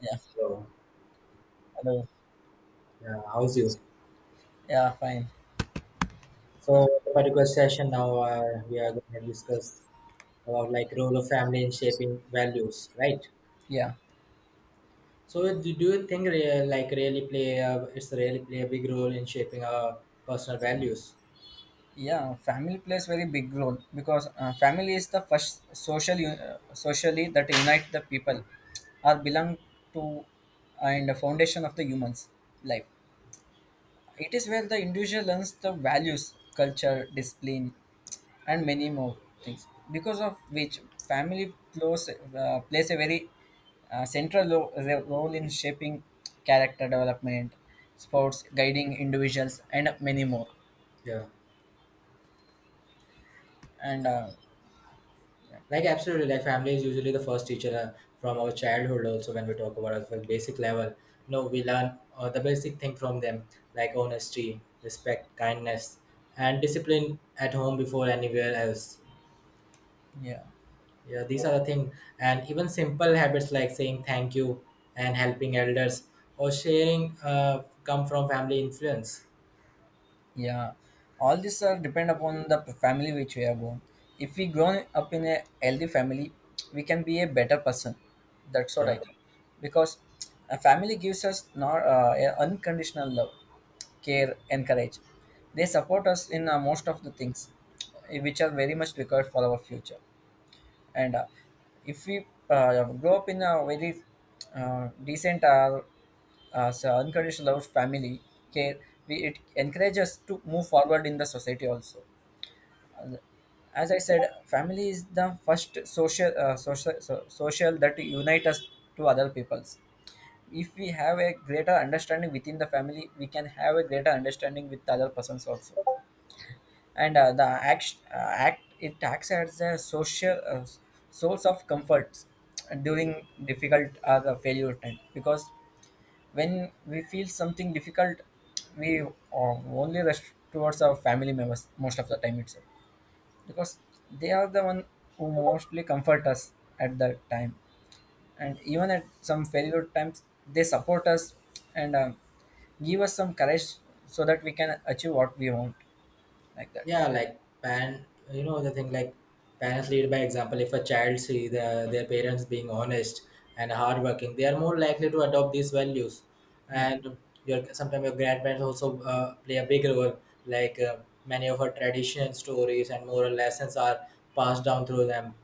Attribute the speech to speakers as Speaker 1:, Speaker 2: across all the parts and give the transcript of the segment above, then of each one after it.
Speaker 1: Yeah.
Speaker 2: Hello.
Speaker 1: Hello.
Speaker 2: Yeah, how's you?
Speaker 1: Yeah, fine. Uh,
Speaker 2: So the particular session now, we are going to discuss about, like, role of family in shaping values, right?
Speaker 1: yeah.
Speaker 2: So do you think like really play a, it's really play a big role in shaping our personal values?
Speaker 1: Yeah, family plays very big role because family is the first social socially that unite the people or belong to and the foundation of the humans life. It is where the individual learns the values, culture, discipline, and many more things because of which family plays, plays a very central role in shaping character development sports guiding individuals and many more
Speaker 2: Yeah,
Speaker 1: and uh,
Speaker 2: like absolutely. Like, family is usually the first teacher from our childhood. Also, when we talk about our basic level, no, we learn the basic thing from them, like honesty, respect, kindness, and discipline at home before anywhere else.
Speaker 1: yeah
Speaker 2: Yeah, these are the thing, and even simple habits like saying thank you and helping elders or sharing come from family influence.
Speaker 1: Yeah, all these are depend upon the family which we are born. If we grown up in a healthy family, we can be a better person. That's what I
Speaker 2: Yeah,
Speaker 1: think. Because a family gives us not a unconditional love, care, and courage. They support us in most of the things, which are very much required for our future and if we grow up in a very decent, unconditional love family care, we, it encourages to move forward in the society also. As I said, family is the first social social that unite us to other peoples. If we have a greater understanding within the family, we can have a greater understanding with other persons also. And the act, it acts as a social source of comfort during difficult or the failure time because when we feel something difficult, we only rush towards our family members most of the time itself because they are the one who mostly comfort us at that time. And even at some failure times they support us and give us some courage so that we can achieve what we want, like that.
Speaker 2: yeah, like parent, the thing like parents lead by example. If a child see the, their parents being honest and hardworking, they are more likely to adopt these values.
Speaker 1: Yeah.
Speaker 2: And your, sometimes your grandparents also play a big role. Like, many of our tradition stories and moral lessons are passed down through them,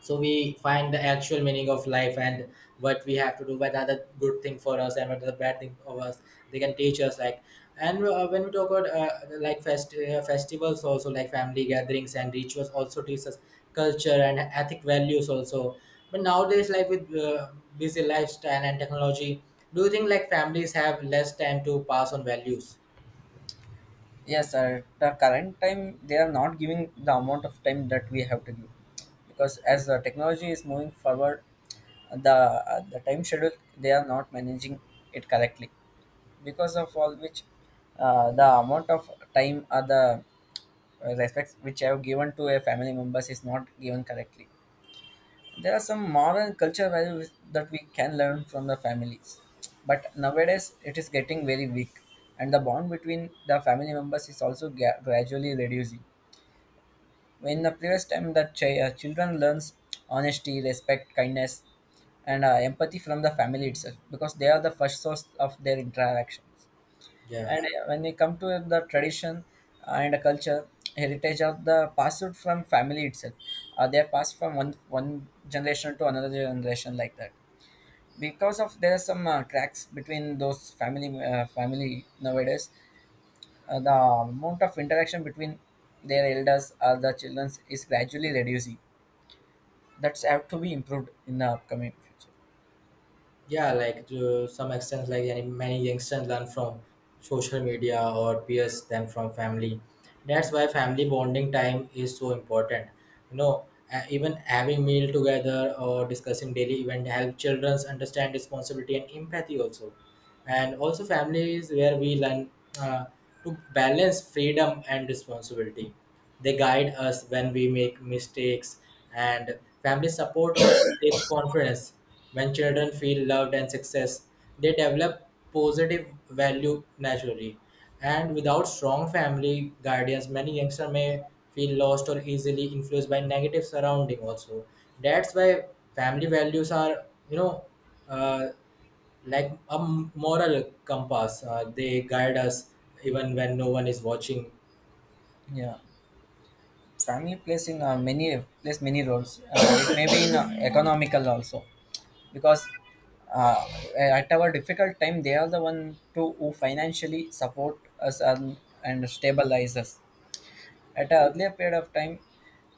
Speaker 2: so we find the actual meaning of life and what we have to do, what are the good thing for us and what are the bad thing of us. They can teach us, like, and when we talk about, like, festivals also, like, family gatherings and rituals also teach us culture and ethic values also. But nowadays, like, with busy lifestyle and technology, do you think like families have less time to pass on values?
Speaker 1: Yes, sir. The current time they are not giving the amount of time that we have to give, because as the technology is moving forward, the time schedule they are not managing it correctly, because of all which, the amount of time or the respects which I have given to a family members is not given correctly. There are some moral and cultural values that we can learn from the families, but nowadays it is getting very weak and the bond between the family members is also gradually reducing. In the previous time that children learns honesty, respect, kindness, and empathy from the family itself because they are the first source of their interactions.
Speaker 2: Yeah,
Speaker 1: And when we come to the tradition and the culture, heritage of the passed from family itself, they are passed from one generation to another generation, like that. Because of there are some cracks between those family nowadays, the amount of interaction between their elders or the children is gradually reducing. That's have to be improved in the upcoming future.
Speaker 2: yeah, like, to some extent, like any, many youngsters learn from social media or peers than from family. That's why family bonding time is so important, you know Even having meal together or discussing daily event help children understand responsibility and empathy also. And also, families where we learn, uh, to balance freedom and responsibility. They guide us when we make mistakes, and family support also shapes confidence. When children feel loved and success, they develop positive value naturally. And without strong family guardians, many youngsters may feel lost or easily influenced by negative surrounding also. That's why family values are, you know uh, like a moral compass. They guide us even when no one is watching.
Speaker 1: Yeah. Family plays in many roles. It may be in economical also, because uh, at our difficult time they are the one to who financially support us and stabilize us. At an earlier period of time,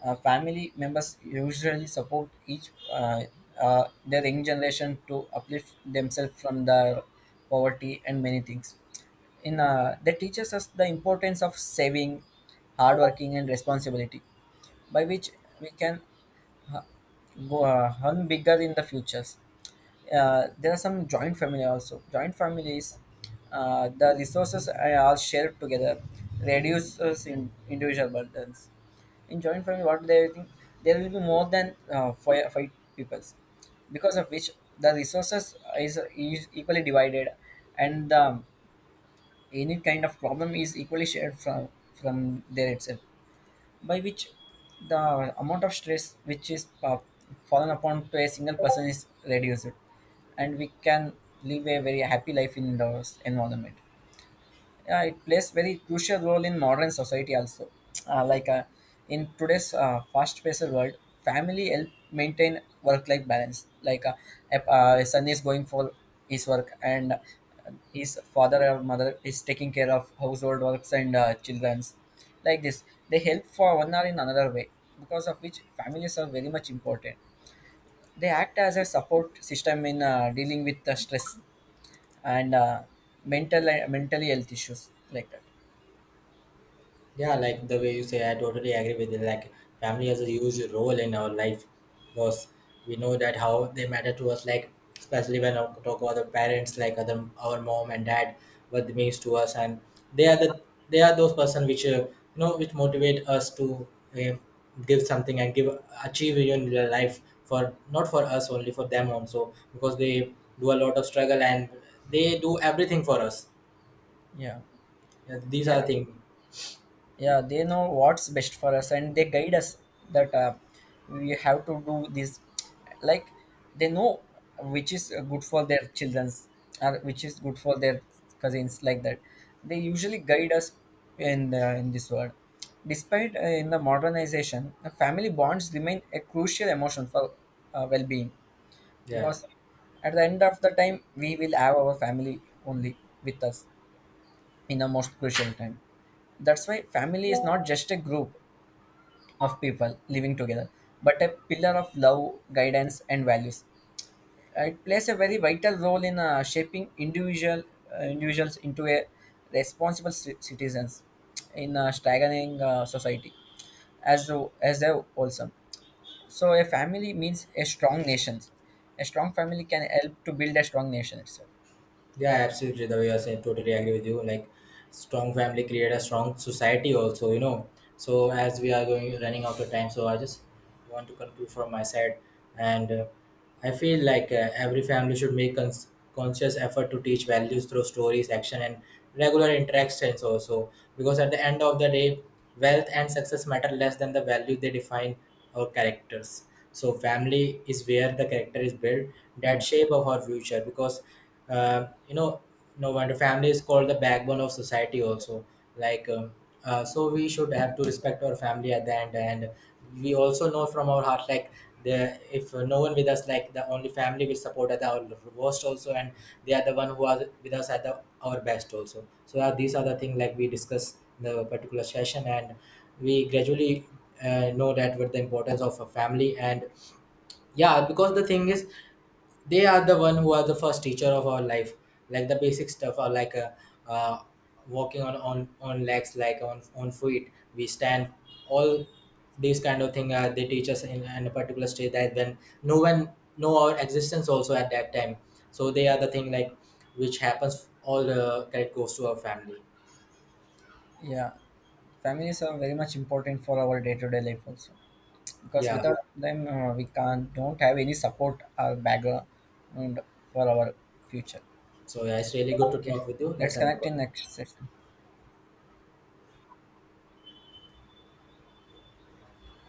Speaker 1: family members usually support each their young generation to uplift themselves from the poverty and many things in that teaches us the importance of saving, hard working, and responsibility, by which we can go earn bigger in the futures. There are some joint family also. Joint families, the resources are all shared together, reduces in individual burdens. In joint family, what they think there will be more than five, five people, because of which the resources is equally divided, and any kind of problem is equally shared from there itself, by which the amount of stress which is fallen upon to a single person is reduced and we can live a very happy life in the environment. Yeah, it plays very crucial role in modern society also. Uh, like uh, in today's fast-paced world, family help maintain work-life balance. If, a son is going for his work and his father or mother is taking care of household works and children's. Like this, they help for one or in another way, because of which families are very much important. They act as a support system in dealing with the stress and mentally health issues, like that.
Speaker 2: Yeah, like the way you say, I totally agree with it. Like, family has a huge role in our life because we know that how they matter to us. Like, especially when I talk about the parents, like other our mom and dad, what they means to us, and they are the, they are those person which, which motivate us to uh, give something and give, achieve in your life for, not for us only, for them also, because they do a lot of struggle and they do everything for us.
Speaker 1: Yeah,
Speaker 2: Yeah, these are
Speaker 1: yeah,
Speaker 2: things.
Speaker 1: yeah. They know what's best for us, and they guide us that we have to do this. Like they know which is good for their childrens, or which is good for their cousins, like that. They usually guide us in this world. Despite in the modernization, the family bonds remain a crucial emotion for well-being
Speaker 2: Yeah.
Speaker 1: because at the end of the time, we will have our family only with us in the most crucial time. That's why family is not just a group of people living together, but a pillar of love, guidance, and values. It plays a very vital role in shaping individuals into a responsible citizens in a staggering society, as though as a wholesome. So a family means a strong nation. A strong family can help to build a strong nation itself.
Speaker 2: Yeah, absolutely. The way you're saying, totally agree with you. Like, strong family create a strong society also, So, as we are going, running out of time, so I just want to conclude from my side. And I feel like, every family should make conscious effort to teach values through stories, action, and regular interactions, also. Because at the end of the day, wealth and success matter less than the value they define our characters. So, family is where the character is built, that
Speaker 1: Yeah,
Speaker 2: shape of our future. Because uh, you know no wonder family is called the backbone of society also. Like, so we should have to respect our family at the end, and we also know from our heart, like, the, if no one with us, like, the only family will support at our worst also, and they are the one who are with us at the, our best also. So these are the things like we discuss in the particular session, and we gradually know that what the importance of a family. And yeah, because the thing is, they are the one who are the first teacher of our life. Like, the basic stuff are, like, uh, walking on, on legs, like, on feet we stand, all these kind of thing, they teach us in a particular state, that when no one know our existence also at that time. So they are the thing, like, which happens, all the credit goes to our family.
Speaker 1: yeah. Families are very much important for our day-to-day life also, because
Speaker 2: Yeah,
Speaker 1: without them we can't don't have any support or background for our future.
Speaker 2: so yeah, it's really good to
Speaker 1: Okay,
Speaker 2: talk with you.
Speaker 1: let's
Speaker 2: Let's end the
Speaker 1: connect
Speaker 2: call.
Speaker 1: in next session.